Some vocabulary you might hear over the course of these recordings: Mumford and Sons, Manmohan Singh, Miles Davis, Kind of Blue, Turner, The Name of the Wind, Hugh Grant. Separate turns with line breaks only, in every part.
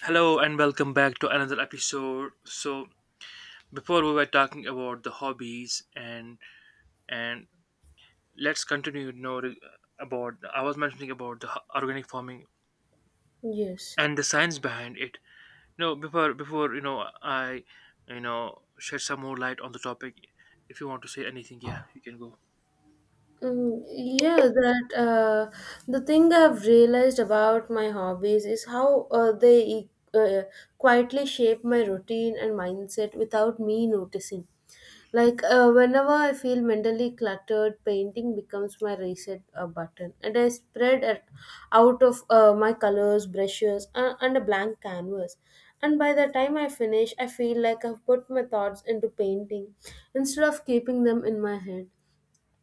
Hello and welcome back to another episode. So before we were talking about the hobbies and let's continue about I was mentioning about the organic farming
Yes.
and the science behind it. Before I you know shed some more light on the topic. If you want to say anything, yeah, you can go.
Yeah, that The thing I've realized about my hobbies is how quietly shape my routine and mindset without me noticing. Like whenever I feel mentally cluttered, painting becomes my reset button, and I spread it out of my colors, brushes, and a blank canvas. And by the time I finish, I feel like I've put my thoughts into painting instead of keeping them in my head.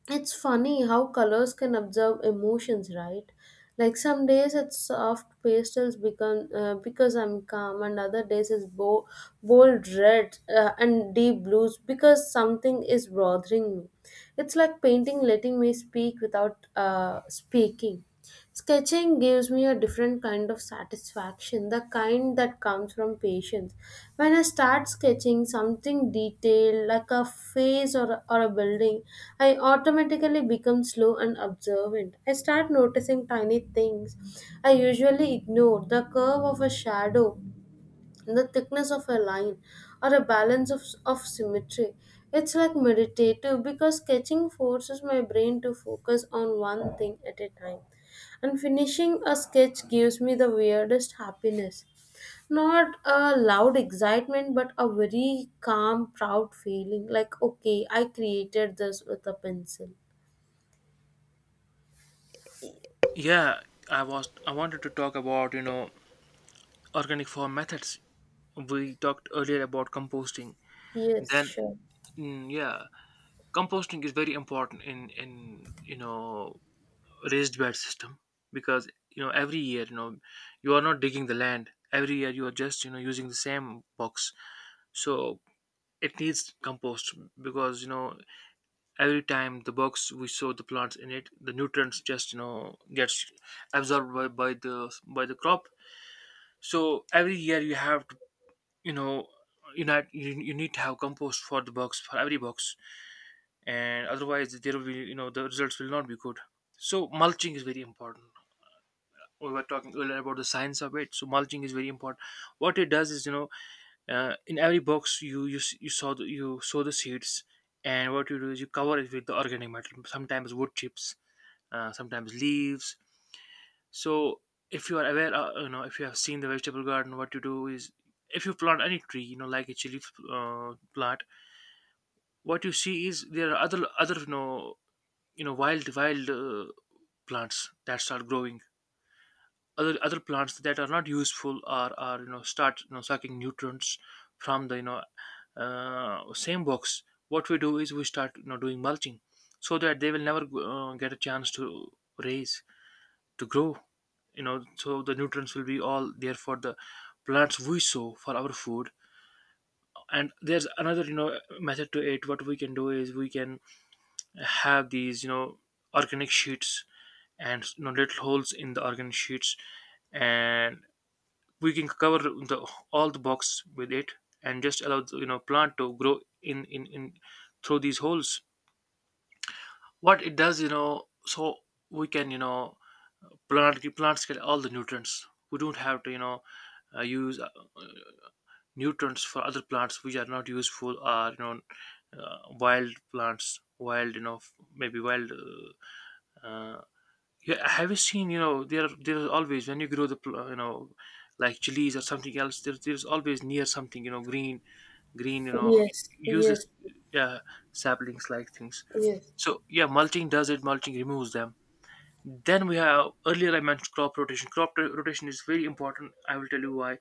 It's funny how colors can observe emotions, right? Like some days it's soft pastels become because I'm calm, and other days it's bold red and deep blues because something is bothering me. It's like painting letting me speak without speaking. Sketching gives me a different kind of satisfaction, the kind that comes from patience. When I start sketching something detailed, like a face or a building, I automatically become slow and observant. I start noticing tiny things I usually ignore: the curve of a shadow, the thickness of a line, or a balance of symmetry. It's like meditative because sketching forces my brain to focus on one thing at a time. And finishing a sketch gives me the weirdest happiness. Not a loud excitement, but a very calm, proud feeling like, okay, I created this with a pencil.
Yeah, I wanted to talk about organic farm methods. We talked earlier about composting.
Yes,
Then
sure.
yeah, composting is very important in raised bed system, because every year you are not digging the land, every year you are just using the same box, so it needs compost because every time the box we sow the plants in it, the nutrients just gets absorbed by the crop. So every year you have to you know you need to have compost for the box, for every box, and otherwise there will be the results will not be good. So mulching is very important. We were talking earlier about the science of it. So mulching is very important. What it does is, in every box you you, s- you sow the seeds, and what you do is, you cover it with the organic matter, sometimes wood chips, sometimes leaves. So if you are aware, if you have seen the vegetable garden, what you do is, if you plant any tree, like a chili plant, what you see is, there are other wild plants that start growing, other plants that are not useful are start sucking nutrients from the same box. What we do is, we start doing mulching, so that they will never get a chance to raise, to grow, so the nutrients will be all there for the plants we sow for our food. And there's another method to it. What we can do is, we can have these organic sheets, and little holes in the organic sheets, and we can cover the all the box with it, and just allow the plant to grow in through these holes. What it does, so we can, plant plants get all the nutrients. We don't have to use nutrients for other plants which are not useful, or wild plants wild you know f- maybe wild uh, Yeah, have you seen? You know, there is always, when you grow the like chilies or something else. There is always near something, green,
Yes,
useless,
yes,
yeah, saplings like things. So
yes.
yeah, mulching does it. Mulching removes them. Then we have, earlier I mentioned crop rotation. Rotation is very important. I will tell you why.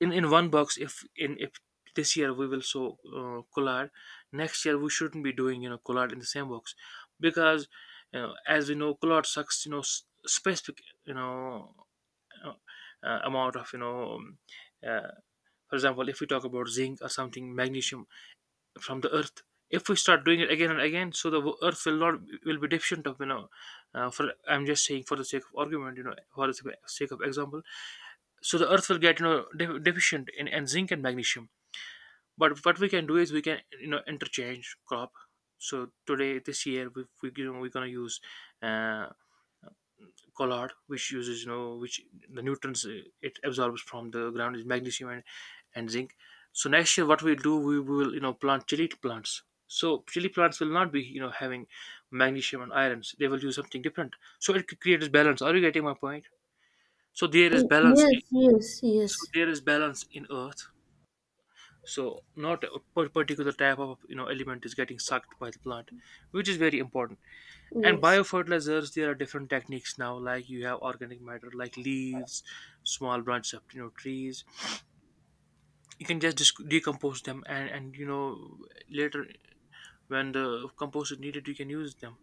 In one box, if this year we will sow collard, next year we shouldn't be doing collard in the same box, because, as we know, collard sucks specific uh, amount of uh, for example, if we talk about zinc or something, magnesium, from the earth. If we start doing it again and again, so the earth will not will be deficient of, for, I'm just saying for the sake of argument, for the sake of example. So the earth will get, deficient in zinc and magnesium. But what we can do is, we can interchange crop. So today, this year, we're gonna use uh collard, which uses, which, the nutrients it absorbs from the ground is magnesium and zinc. So next year, what we'll do, we will plant chili plants. So chili plants will not be having magnesium and irons, they will use something different. So it creates balance. Are you getting my point? So there is balance.
Yes, yes, yes,
So there is balance in earth. So not a particular type of element is getting sucked by the plant, which is very important. And
yes,
biofertilizers, there are different techniques now, like you have organic matter like leaves, small branches of trees. You can just decompose them and later, when the compost is needed, you can use them.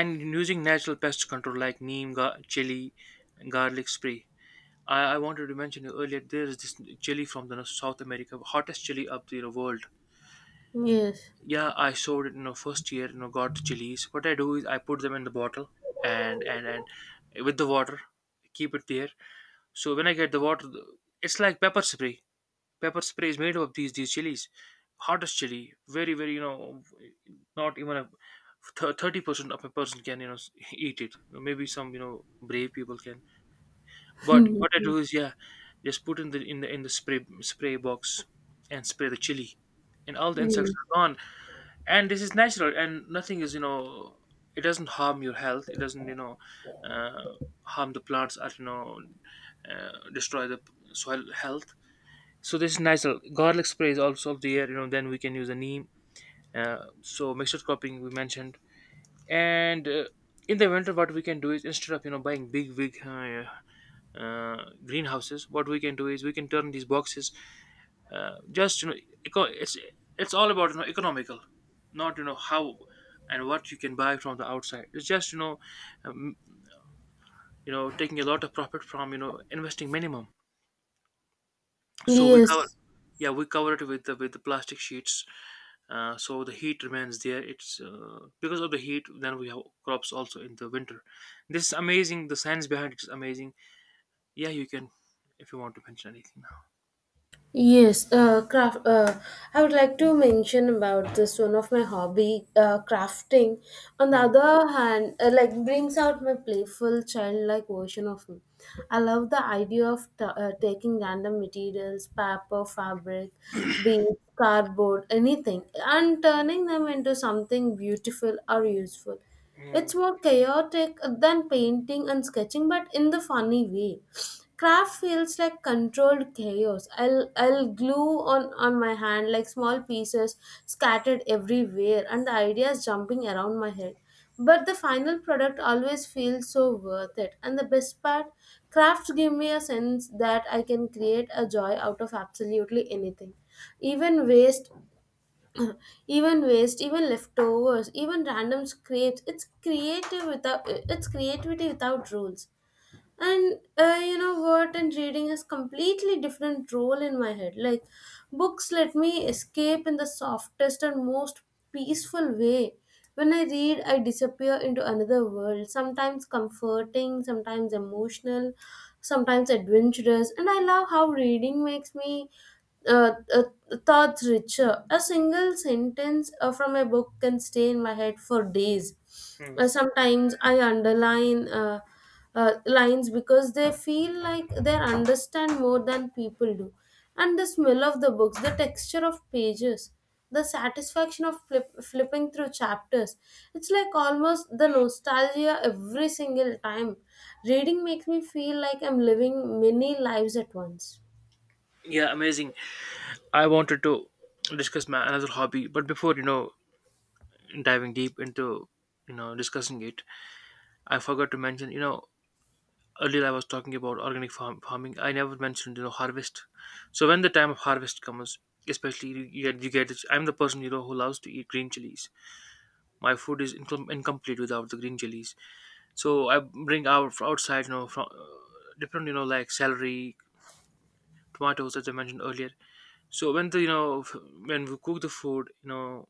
And using natural pest control like neem, chili, garlic spray. I wanted to mention earlier, there is this chili from the South America, hottest chili of the, world.
yes.
Yeah, I showed it, first year, got the chilies. What I do is, I put them in the bottle and with the water, keep it there. So when I get the water, it's like pepper spray. Pepper spray is made of these chilies, hottest chili, very very, not even a 30% of a person can eat it. You know, maybe some brave people can, but what I do is, yeah, just put in the spray box, and spray the chili, and all the insects
Yes.
are gone. And this is natural, and nothing is, it doesn't harm your health, it doesn't uh, harm the plants, or destroy the soil health. So this is natural, garlic spray is also of the year, then we can use a neem. So mixture cropping, we mentioned, and in the winter what we can do is, instead of buying big greenhouses, what we can do is, we can turn these boxes, just eco- it's it's all about, economical, not how and what you can buy from the outside. It's just um, taking a lot of profit from investing minimum. So we cover,
Yes,
yeah, we cover it with the plastic sheets, so the heat remains there. It's, because of the heat, then we have crops also in the winter. This is amazing. The science behind it is amazing. Yeah, you can, if you want to mention anything now.
yes. Craft. I would like to mention about this one of my hobby, crafting. On the
Hmm.
other hand, like brings out my playful, childlike version of me. I love the idea of taking random materials, paper, fabric, beads, cardboard, anything, and turning them into something beautiful or useful.
Hmm.
It's more chaotic than painting and sketching, but in the funny way. Craft feels like controlled chaos. I'll glue on my hand like small pieces scattered everywhere, and the ideas jumping around my head. But the final product always feels so worth it. And the best part, crafts give me a sense that I can create a joy out of absolutely anything, even waste, even waste, even leftovers, even random scrapes. It's creative without, it's creativity without rules. And you know what and reading has completely different role in my head. Like books let me escape in the softest and most peaceful way. When I read, I disappear into another world, sometimes comforting, sometimes emotional, sometimes adventurous. And I love how reading makes me uh, uh, thoughts richer. A single sentence from a book can stay in my head for days.
Hmm.
Sometimes I underline. Lines because they feel like they understand more than people do. And the smell of the books, the texture of pages, the satisfaction of flipping through chapters. It's like almost the nostalgia every single time. Reading makes me feel like I'm living many lives at once.
Yeah, amazing. I wanted to discuss my another hobby, but before, diving deep into discussing it, I forgot to mention, earlier I was talking about organic farming. I never mentioned harvest. So when the time of harvest comes, especially, you, you get it. I'm the person, who loves to eat green chilies. My food is incomplete without the green chilies. So I bring out from outside, from different, like celery, tomatoes, as I mentioned earlier. So when the when we cook the food,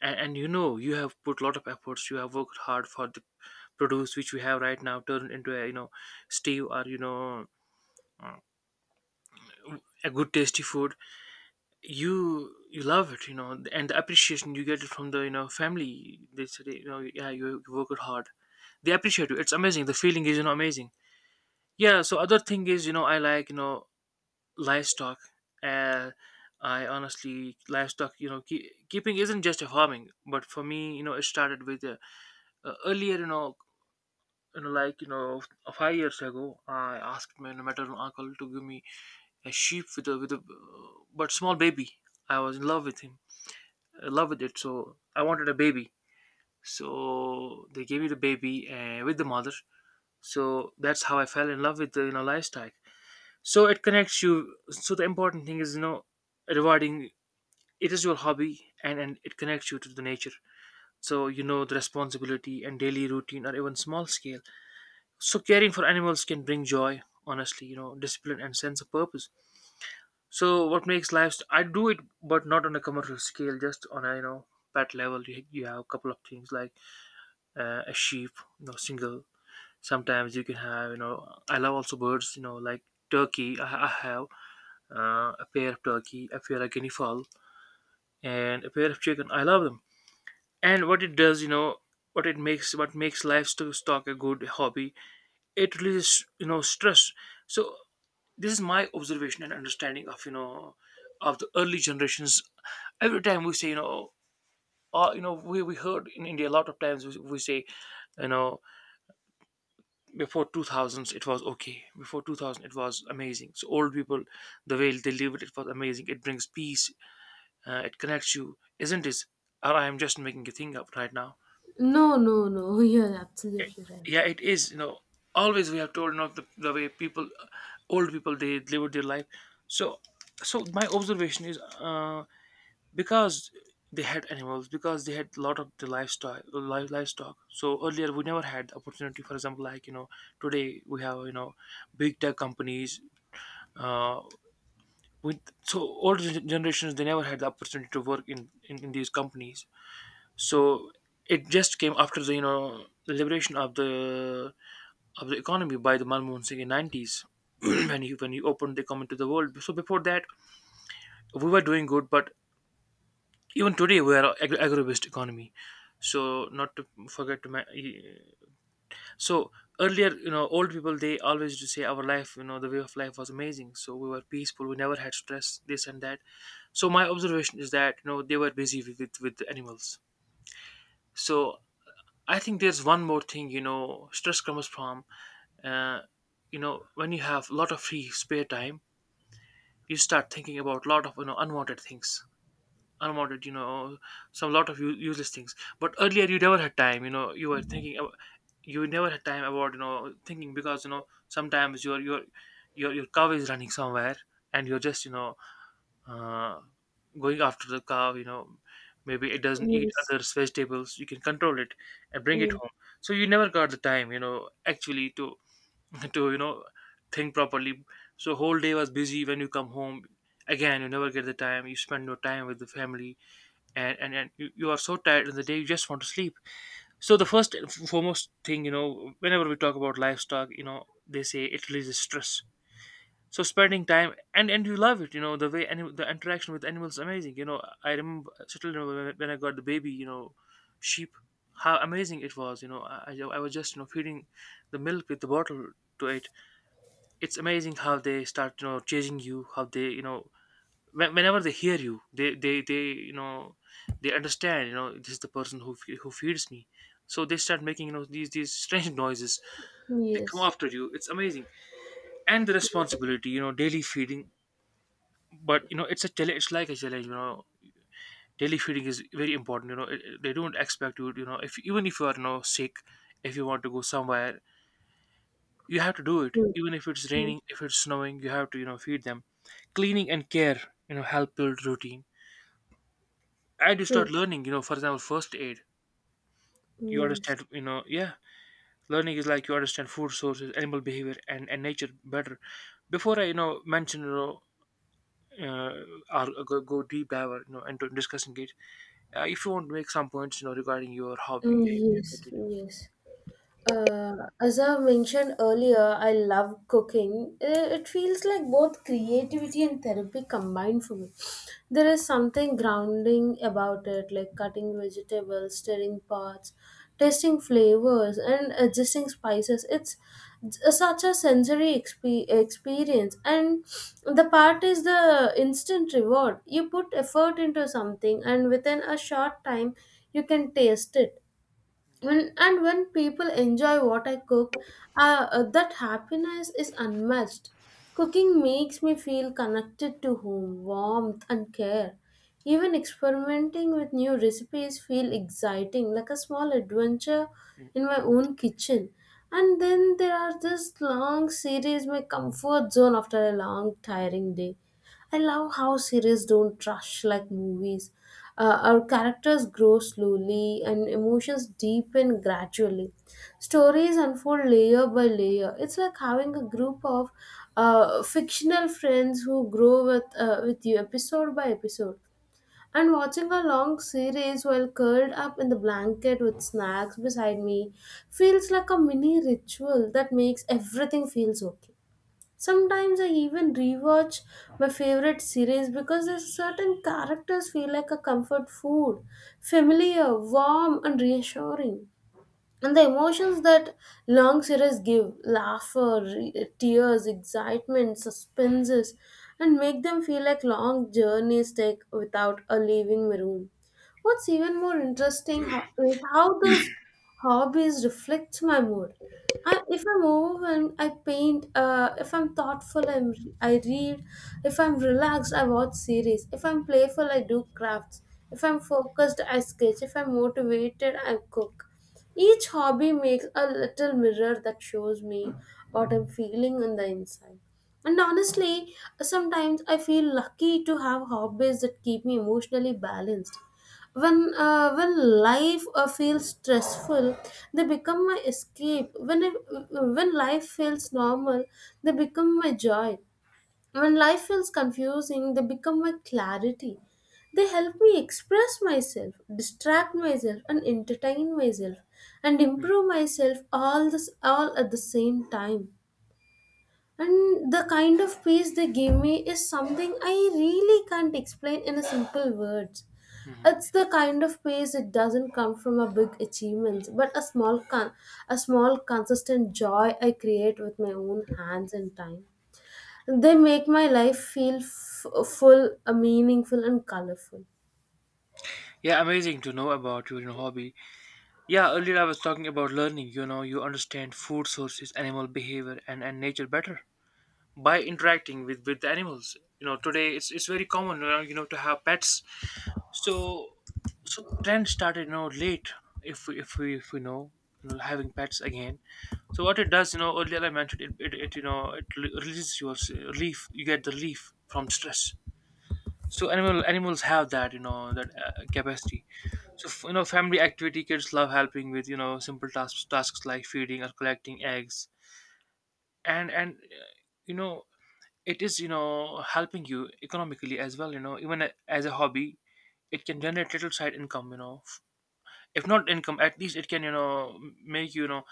and you have put a lot of efforts, you have worked hard for the produce, which we have right now turned into a, stew or uh, a good tasty food. You love it, and the appreciation you get it from the, family. They say, yeah, you worked hard, they appreciate you. It's amazing. The feeling is, amazing. Yeah, so other thing is, I like, livestock. uh I honestly, livestock, keeping isn't just a farming, but for me, it started with earlier, like, 5 years ago, I asked my maternal uncle to give me a sheep with a but small baby. I was in love with him, in love with it. So I wanted a baby. So they gave me the baby, with the mother. So that's how I fell in love with the, livestock. So it connects you. So the important thing is, rewarding. It is your hobby, and it connects you to the nature. So, the responsibility and daily routine, or even small scale. So caring for animals can bring joy, honestly, discipline and sense of purpose. So what makes life? I do it, but not on a commercial scale, just on a, pet level. You have a couple of things like a sheep, single. Sometimes you can have. I love also birds, like turkey. I have a pair of turkey, a pair of guinea fowl, and a pair of chicken. I love them. And what makes livestock a good hobby, it releases stress. So this is my observation and understanding of you know of the early generations. Every time we say we heard in India a lot of times we say you know before 2000s it was okay. Before 2000 it was amazing. So old people, the way they live, it was amazing, it brings peace. It connects you, isn't it? Or I am just making a thing up right now?
No, no, no, you're absolutely right.
Yeah, it is. Always we have told, the way people, old people, they lived their life. So, my observation is, because they had animals, because they had a lot of the livestock, livestock. So earlier we never had the opportunity. For example, like, today we have, big tech companies, uh with. So older generations, they never had the opportunity to work in these companies. So it just came after the you know the liberation of the economy by the Manmohan Singh in 90s. When he, opened the economy to the world. So before that, we were doing good, but even today we are agro-based economy. So, not to forget to so earlier, old people, they always used to say our life, the way of life was amazing. So we were peaceful, we never had stress, this and that. So my observation is that, they were busy with the animals. So I think there's one more thing, stress comes from, uh, when you have a lot of free spare time, you start thinking about a lot of unwanted things, unwanted, some lot of useless things. But earlier you never had time, you were thinking you never had time about, thinking. Because, sometimes your cow is running somewhere, and you're just, uh, going after the cow, maybe it doesn't eat
Yes,
others vegetables, you can control it and bring it
yes,
home. So you never got the time, actually to to you know think properly. So whole day was busy. When you come home, again you never get the time, you spend your time with the family. And you are so tired in the day, you just want to sleep. So the first and foremost thing, whenever we talk about livestock, they say it releases stress. So spending time, and you love it, the way any the interaction with animals is amazing. I still remember when when I got the baby, sheep. How amazing it was. I was just, feeding the milk with the bottle to it. It's amazing how they start, chasing you, how they, whenever they hear you they you know they understand, this is the person who who feeds me. So they start making, these strange noises. They come
yes.
after you, it's amazing. And the responsibility, daily feeding. But, it's a challenge, it's like a challenge, daily feeding is very important, they don't expect you, you know if, even if you are, sick, if you want to go somewhere, you have to do it.
True,
Even if it's
true,
raining, if it's snowing, you have to, feed them. Cleaning and care, help build routine. I had to start
true.
learning, for example, first aid. You
Yes,
understand, yeah, learning is like you understand food sources, animal behavior, and nature better. Before I, mention, uh, or go deep dive, into discussing it, if you want to make some points, regarding your hobby, yeah, you can
yes,
continue.
yes. Uh, as I mentioned earlier, I love cooking. It feels like both creativity and therapy combined for me. There is something grounding about it, like cutting vegetables, stirring pots, tasting flavors, and adjusting spices. It's such a sensory experience, and the part is the instant reward. You put effort into something, and within a short time, you can taste it. When and when people enjoy what I cook, that happiness is unmatched. Cooking makes me feel connected to home, warmth, and care. Even experimenting with new recipes feel exciting, like a small adventure in my own kitchen. And then there are this long series, my comfort zone after a long tiring day. I love how series don't rush like movies. Our characters grow slowly and emotions deepen gradually. Stories unfold layer by layer. It's like having a group of fictional friends who grow with you episode by episode. And watching a long series while curled up in the blanket with snacks beside me feels like a mini ritual that makes everything feels okay. Sometimes I even rewatch my favorite series because there's certain characters feel like a comfort food, familiar, warm, and reassuring. And the emotions that long series give, laughter, tears, excitement, suspenses, and make them feel like long journeys take without a leaving the room. What's even more interesting is how those hobbies reflect my mood. If I'm overwhelmed, I paint. If I'm thoughtful, I read. If I'm relaxed, I watch series. If I'm playful, I do crafts. If I'm focused, I sketch. If I'm motivated, I cook. Each hobby makes a little mirror that shows me what I'm feeling on the inside. And honestly, sometimes I feel lucky to have hobbies that keep me emotionally balanced. When life feels stressful, they become my escape. When life feels normal, they become my joy. When life feels confusing, they become my clarity. They help me express myself, distract myself, and entertain myself, and
Mm, mm.
improve myself all this all at the same time. And the kind of peace they give me is something I really can't explain in a simple words.
Mhm.
It's the kind of peace that doesn't come from a big achievements, but a a small consistent joy I create with my own hands and time. They make my life feel full, meaningful, and colorful.
Yeah, amazing to know about your, hobby. Yeah, earlier I was talking about learning. You understand food sources, animal behavior, and nature better. By interacting with animals, today it's very common, to have pets. So, trend started, late. If we know, having pets again. So what it does, earlier I mentioned it, it releases your relief. You get the relief from stress. So animals have that, that, capacity. So, family activity, kids love helping with, simple tasks like feeding or collecting eggs. And you know it is, helping you economically as well, even as a hobby, it can generate little side income, if not income, at least it can, make you,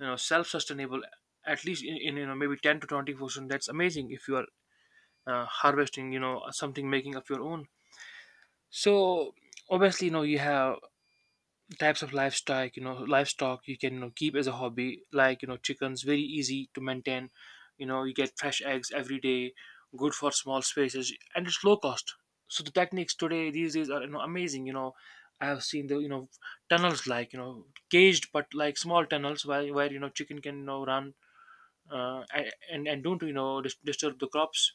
you know self-sustainable, at least in maybe 10 to 20%. That's amazing if you are, harvesting, something, making up your own. So obviously, you have types of livestock, livestock you can, keep as a hobby, like, chickens very easy to maintain. You get fresh eggs every day, good for small spaces, and it's low cost. So the techniques today, these days, are, amazing. I have seen the, tunnels, like, caged, but like small tunnels where chicken can, run, and don't, disturb the crops.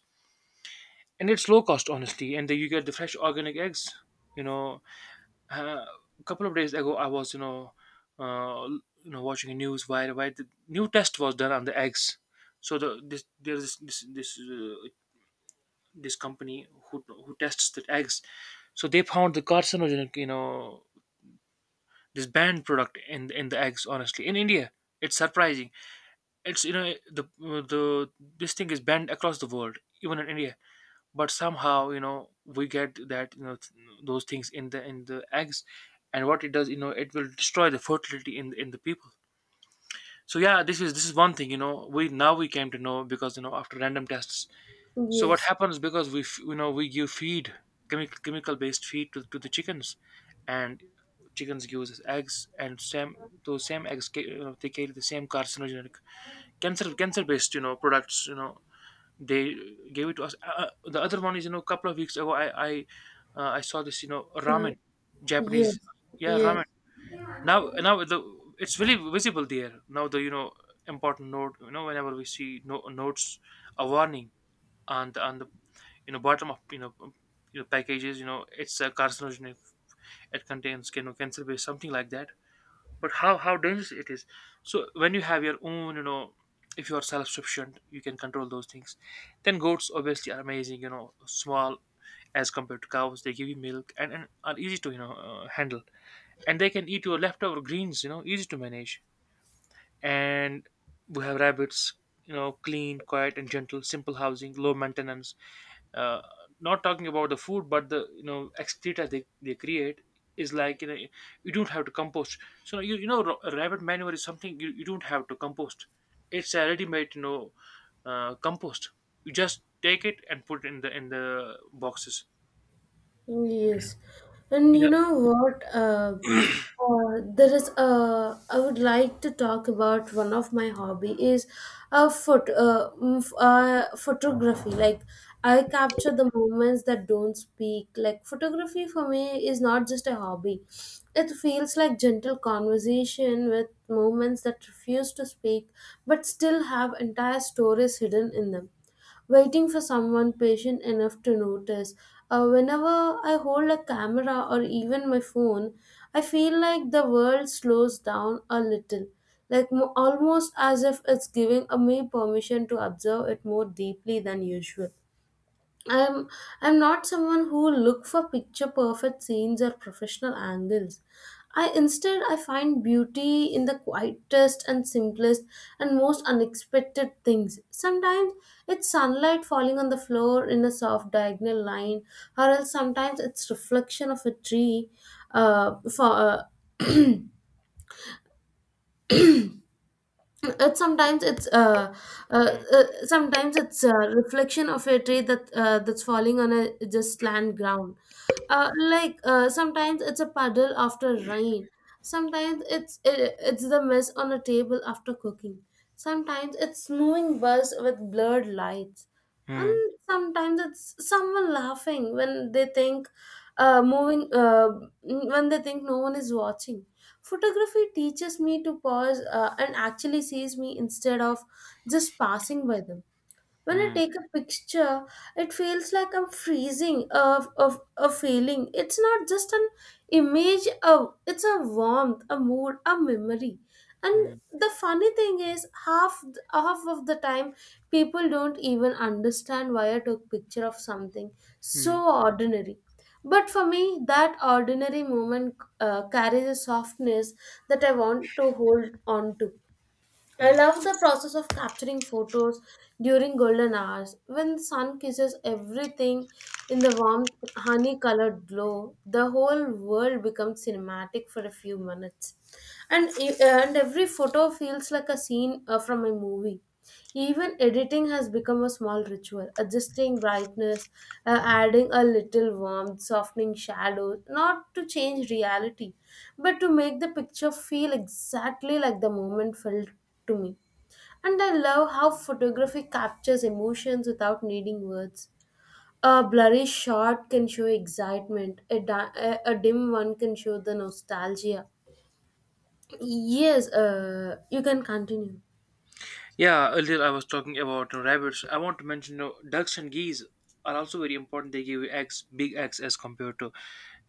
And it's low cost, honestly, and then you get the fresh organic eggs. you know uh, a couple of days ago, I was, uh, watching the news where, the new test was done on the eggs. So there's this company who, tests the eggs. So they found the carcinogenic, this banned product in the eggs. Honestly, in India, it's surprising. It's, the this thing is banned across the world, even in India, but somehow, we get that, those things in the eggs. And what it does, it will destroy the fertility in the people. So yeah, this is one thing, we came to know because, after random tests. So what
Yes,
happens, because we give feed, chemical based feed to the chickens. And chickens gives us eggs, and same, those same eggs they carry the same carcinogenic, cancer based, products. They gave it to us. The other one is, a couple of weeks ago I saw this,
uh,
ramen, Japanese,
yes,
yeah,
yes.
ramen. Now now the it's really visible there. Now the, important note, whenever we see no, notes, a warning on the, bottom of, packages, it's a carcinogenic. It contains, cancer based something like that. But how dangerous it is. So when you have your own, if you are self-sufficient, you can control those things. Then goats, obviously, are amazing, small as compared to cows. They give you milk, and are easy to, handle. And they can eat your leftover greens, easy to manage. And we have rabbits, clean, quiet and gentle, simple housing, low maintenance. uh, Not talking about the food, but the, excreta they create is like, you don't have to compost. So, rabbit manure is something you don't have to compost. It's a ready-made, compost. You just take it and put it in the boxes.
Oh, yes, and
Yeah.
you know what? There is I would like to talk about one of my hobby is photography. Like I capture the moments that don't speak. Like photography for me is not just a hobby. It feels like gentle conversation with moments that refuse to speak but still have entire stories hidden in them, waiting for someone patient enough to notice. Whenever I hold a camera or even my phone, I feel like the world slows down a little, like almost as if it's giving me permission to observe it more deeply than usual. I'm I'm not someone who look for picture perfect scenes or professional angles. I, instead I find beauty in the quietest and simplest and most unexpected things. Sometimes it's sunlight falling on the floor in a soft diagonal line, or else sometimes it's reflection of a tree, for it
Hmm.
sometimes it's a reflection of a tree that that's falling on a just land ground. Like sometimes it's a puddle after rain, sometimes it's the mess on a table after cooking, sometimes it's snowing bus with blurred lights, and
Hmm.
sometimes it's someone laughing when they think, moving when they think no one is watching. Photography teaches me to pause and actually sees me instead of just passing by them. When I
Hmm.
take a picture, it feels like I'm freezing of a feeling. It's not just an image of, it's a warmth, a mood, a memory. And
Hmm.
the funny thing is half of the time people don't even understand why I took picture of something
Hmm.
so ordinary. But for me, that ordinary moment carries a softness that I want to hold on to. I
Hmm.
love the process of capturing photos during golden hours. When the sun kisses everything in the warm honey colored glow, the whole world becomes cinematic for a few minutes, and and every photo feels like a scene from a movie. Even editing has become a small ritual, adjusting brightness, adding a little warmth, softening shadows, not to change reality but to make the picture feel exactly like the moment felt to me. And I love how photography captures emotions without needing words. A blurry shot can show excitement, a dim one can show the nostalgia. Yes, you can continue.
Yeah, earlier I was talking about rabbits. I want to mention ducks and geese are also very important. They give you eggs, big eggs,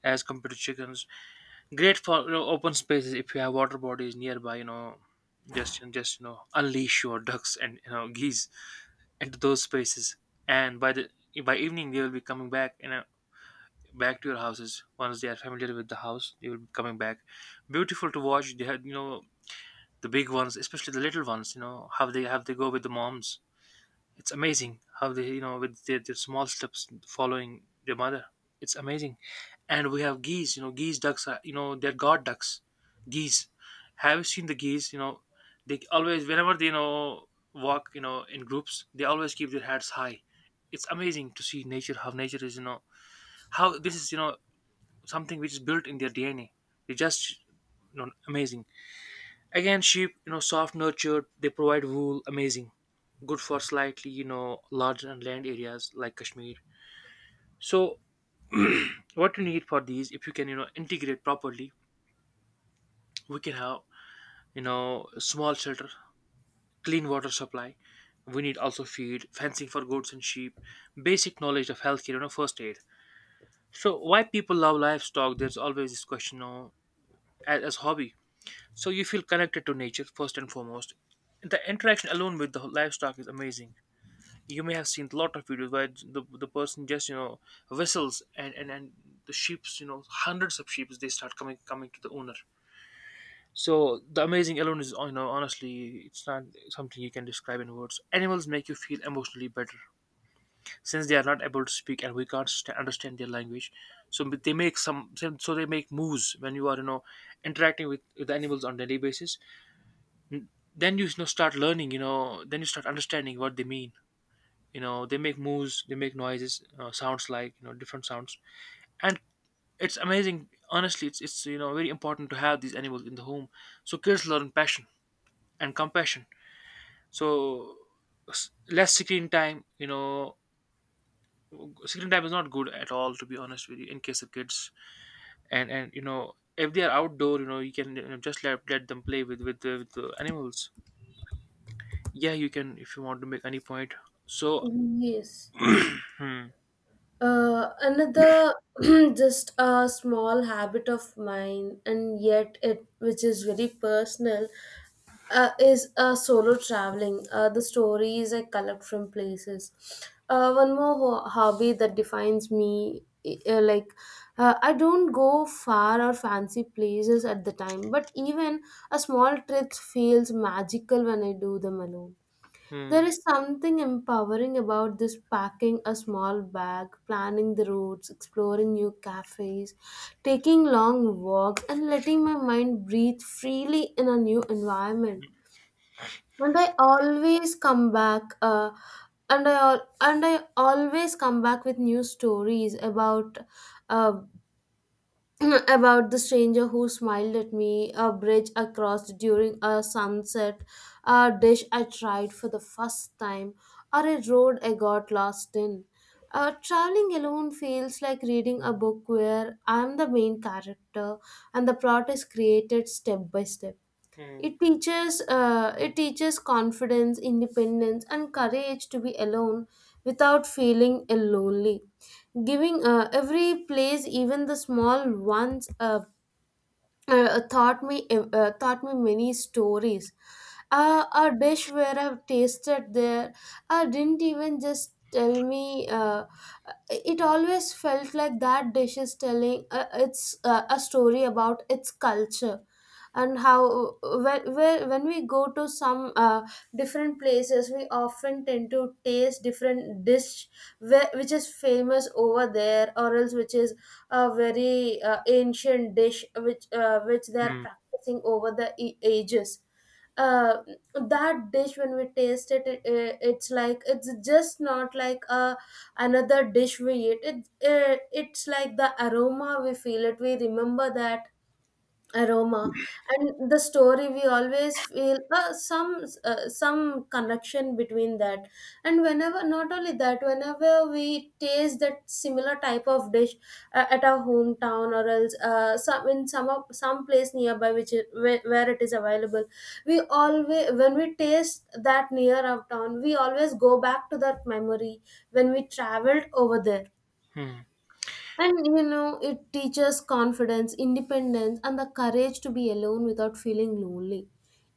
as compared to chickens. Great for you know, open spaces if you have water bodies nearby. You know, just you know unleash your ducks and you know geese into those spaces. And by the by evening they will be coming back you know back to your houses once they are familiar with the house. They will be coming back. Beautiful to watch. They have you know the big ones, especially the little ones. You know how they have they go with the moms it's amazing how they, you know, with their small steps following their mother. It's amazing. And we have geese, you know, geese ducks are, you know, they're god ducks. Geese. Have you seen the geese? You know, they always, whenever they, you know, walk, you know, in groups, they always keep their heads high. It's amazing to see nature, how nature is, you know, how this is, you know, something which is built in their DNA. They're just, you know, amazing. Again, sheep, you know, soft nurtured, they provide wool, amazing. Good for slightly, you know, large and land areas like Kashmir. So, what you need for these, if you can, you know, integrate properly, we can have, you know, small shelter, clean water supply. We need also feed, fencing for goats and sheep, basic knowledge of healthcare, you know, first aid. So, why people love livestock? There's always this question, you know, as hobby. So you feel connected to nature first and foremost. The interaction alone with the livestock is amazing you may have seen a lot of videos where the person just you know whistles and the sheep's you know hundreds of sheep's they start coming coming to the owner so the amazing alone is you know honestly it's not something you can describe in words animals make you feel emotionally better since they are not able to speak and we can't st- understand their language so but they make some so so they make moves when you are you know interacting with animals on daily basis then you know start learning you know then you start understanding what they mean you know they make moves they make noises sounds like you know different sounds and it's amazing honestly it's you know very important to have these animals in the home so kids learn passion and compassion so s- less screen time you know screen time is not good at all to be honest with you in case of kids and you know if they are outdoor you know you can you know, just let, let them play with the animals yeah you can if you want to make any point so
Yes.
hmm,
Another just a small habit of mine, and yet it which is very personal, is solo traveling. The stories I collect from places. One more hobby that defines me, like I don't go far or fancy places at the time, but even a small trip feels magical when I do them alone.
hmm,
There is something empowering about this packing a small bag, planning the routes, exploring new cafes, taking long walks, and letting my mind breathe freely in a new environment. And I always come back, and I always come back with new stories about uh, about the stranger who smiled at me, a bridge across during a sunset, a dish I tried for the first time, or a road I got lost in. Traveling alone feels like reading a book where I'm the main character and the plot is created step by step.
hmm,
It teaches confidence, independence, and courage to be alone without feeling lonely. Giving every place, even the small ones, a taught me many stories. A dish where I've tasted there, I didn't even just tell me. It always felt like that dish is telling it's a story about its culture. And how when, where, when we go to some different places, we often tend to taste different dish where, which is famous over there, or else which is a very ancient dish which they are
hmm,
practicing over the ages. uh, that dish when we taste it, it's like it's just not like a another dish we eat it, it it's like the aroma we feel it, we remember that aroma. And the story, we always feel some connection between that. And whenever, not only that, whenever we taste that similar type of dish at our hometown, or else some in some of, some place nearby which is, where it is available, we always, when we taste that near our town, we always go back to that memory when we traveled over there.
hmm.
And you know, it teaches confidence, independence, and the courage to be alone without feeling lonely.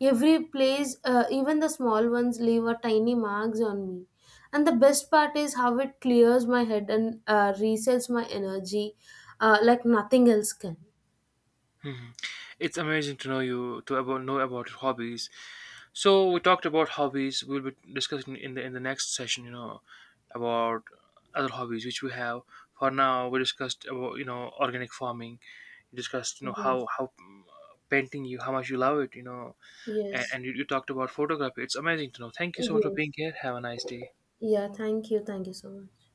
Every place, even the small ones, leave a tiny marks on me. And the best part is how it clears my head and resets my energy like nothing else can.
Mhm. It's amazing to know you to about know about your hobbies. So we talked about hobbies. We'll be discussing in the next session, about other hobbies which we have. For now, we discussed about, organic farming. You discussed,
Yes,
how painting, you, how much you love it, and,
yes,
and you talked about photography. It's amazing to know. Thank you so much for
yes.
being here. Have a nice day.
Yeah, thank you. Thank you so much.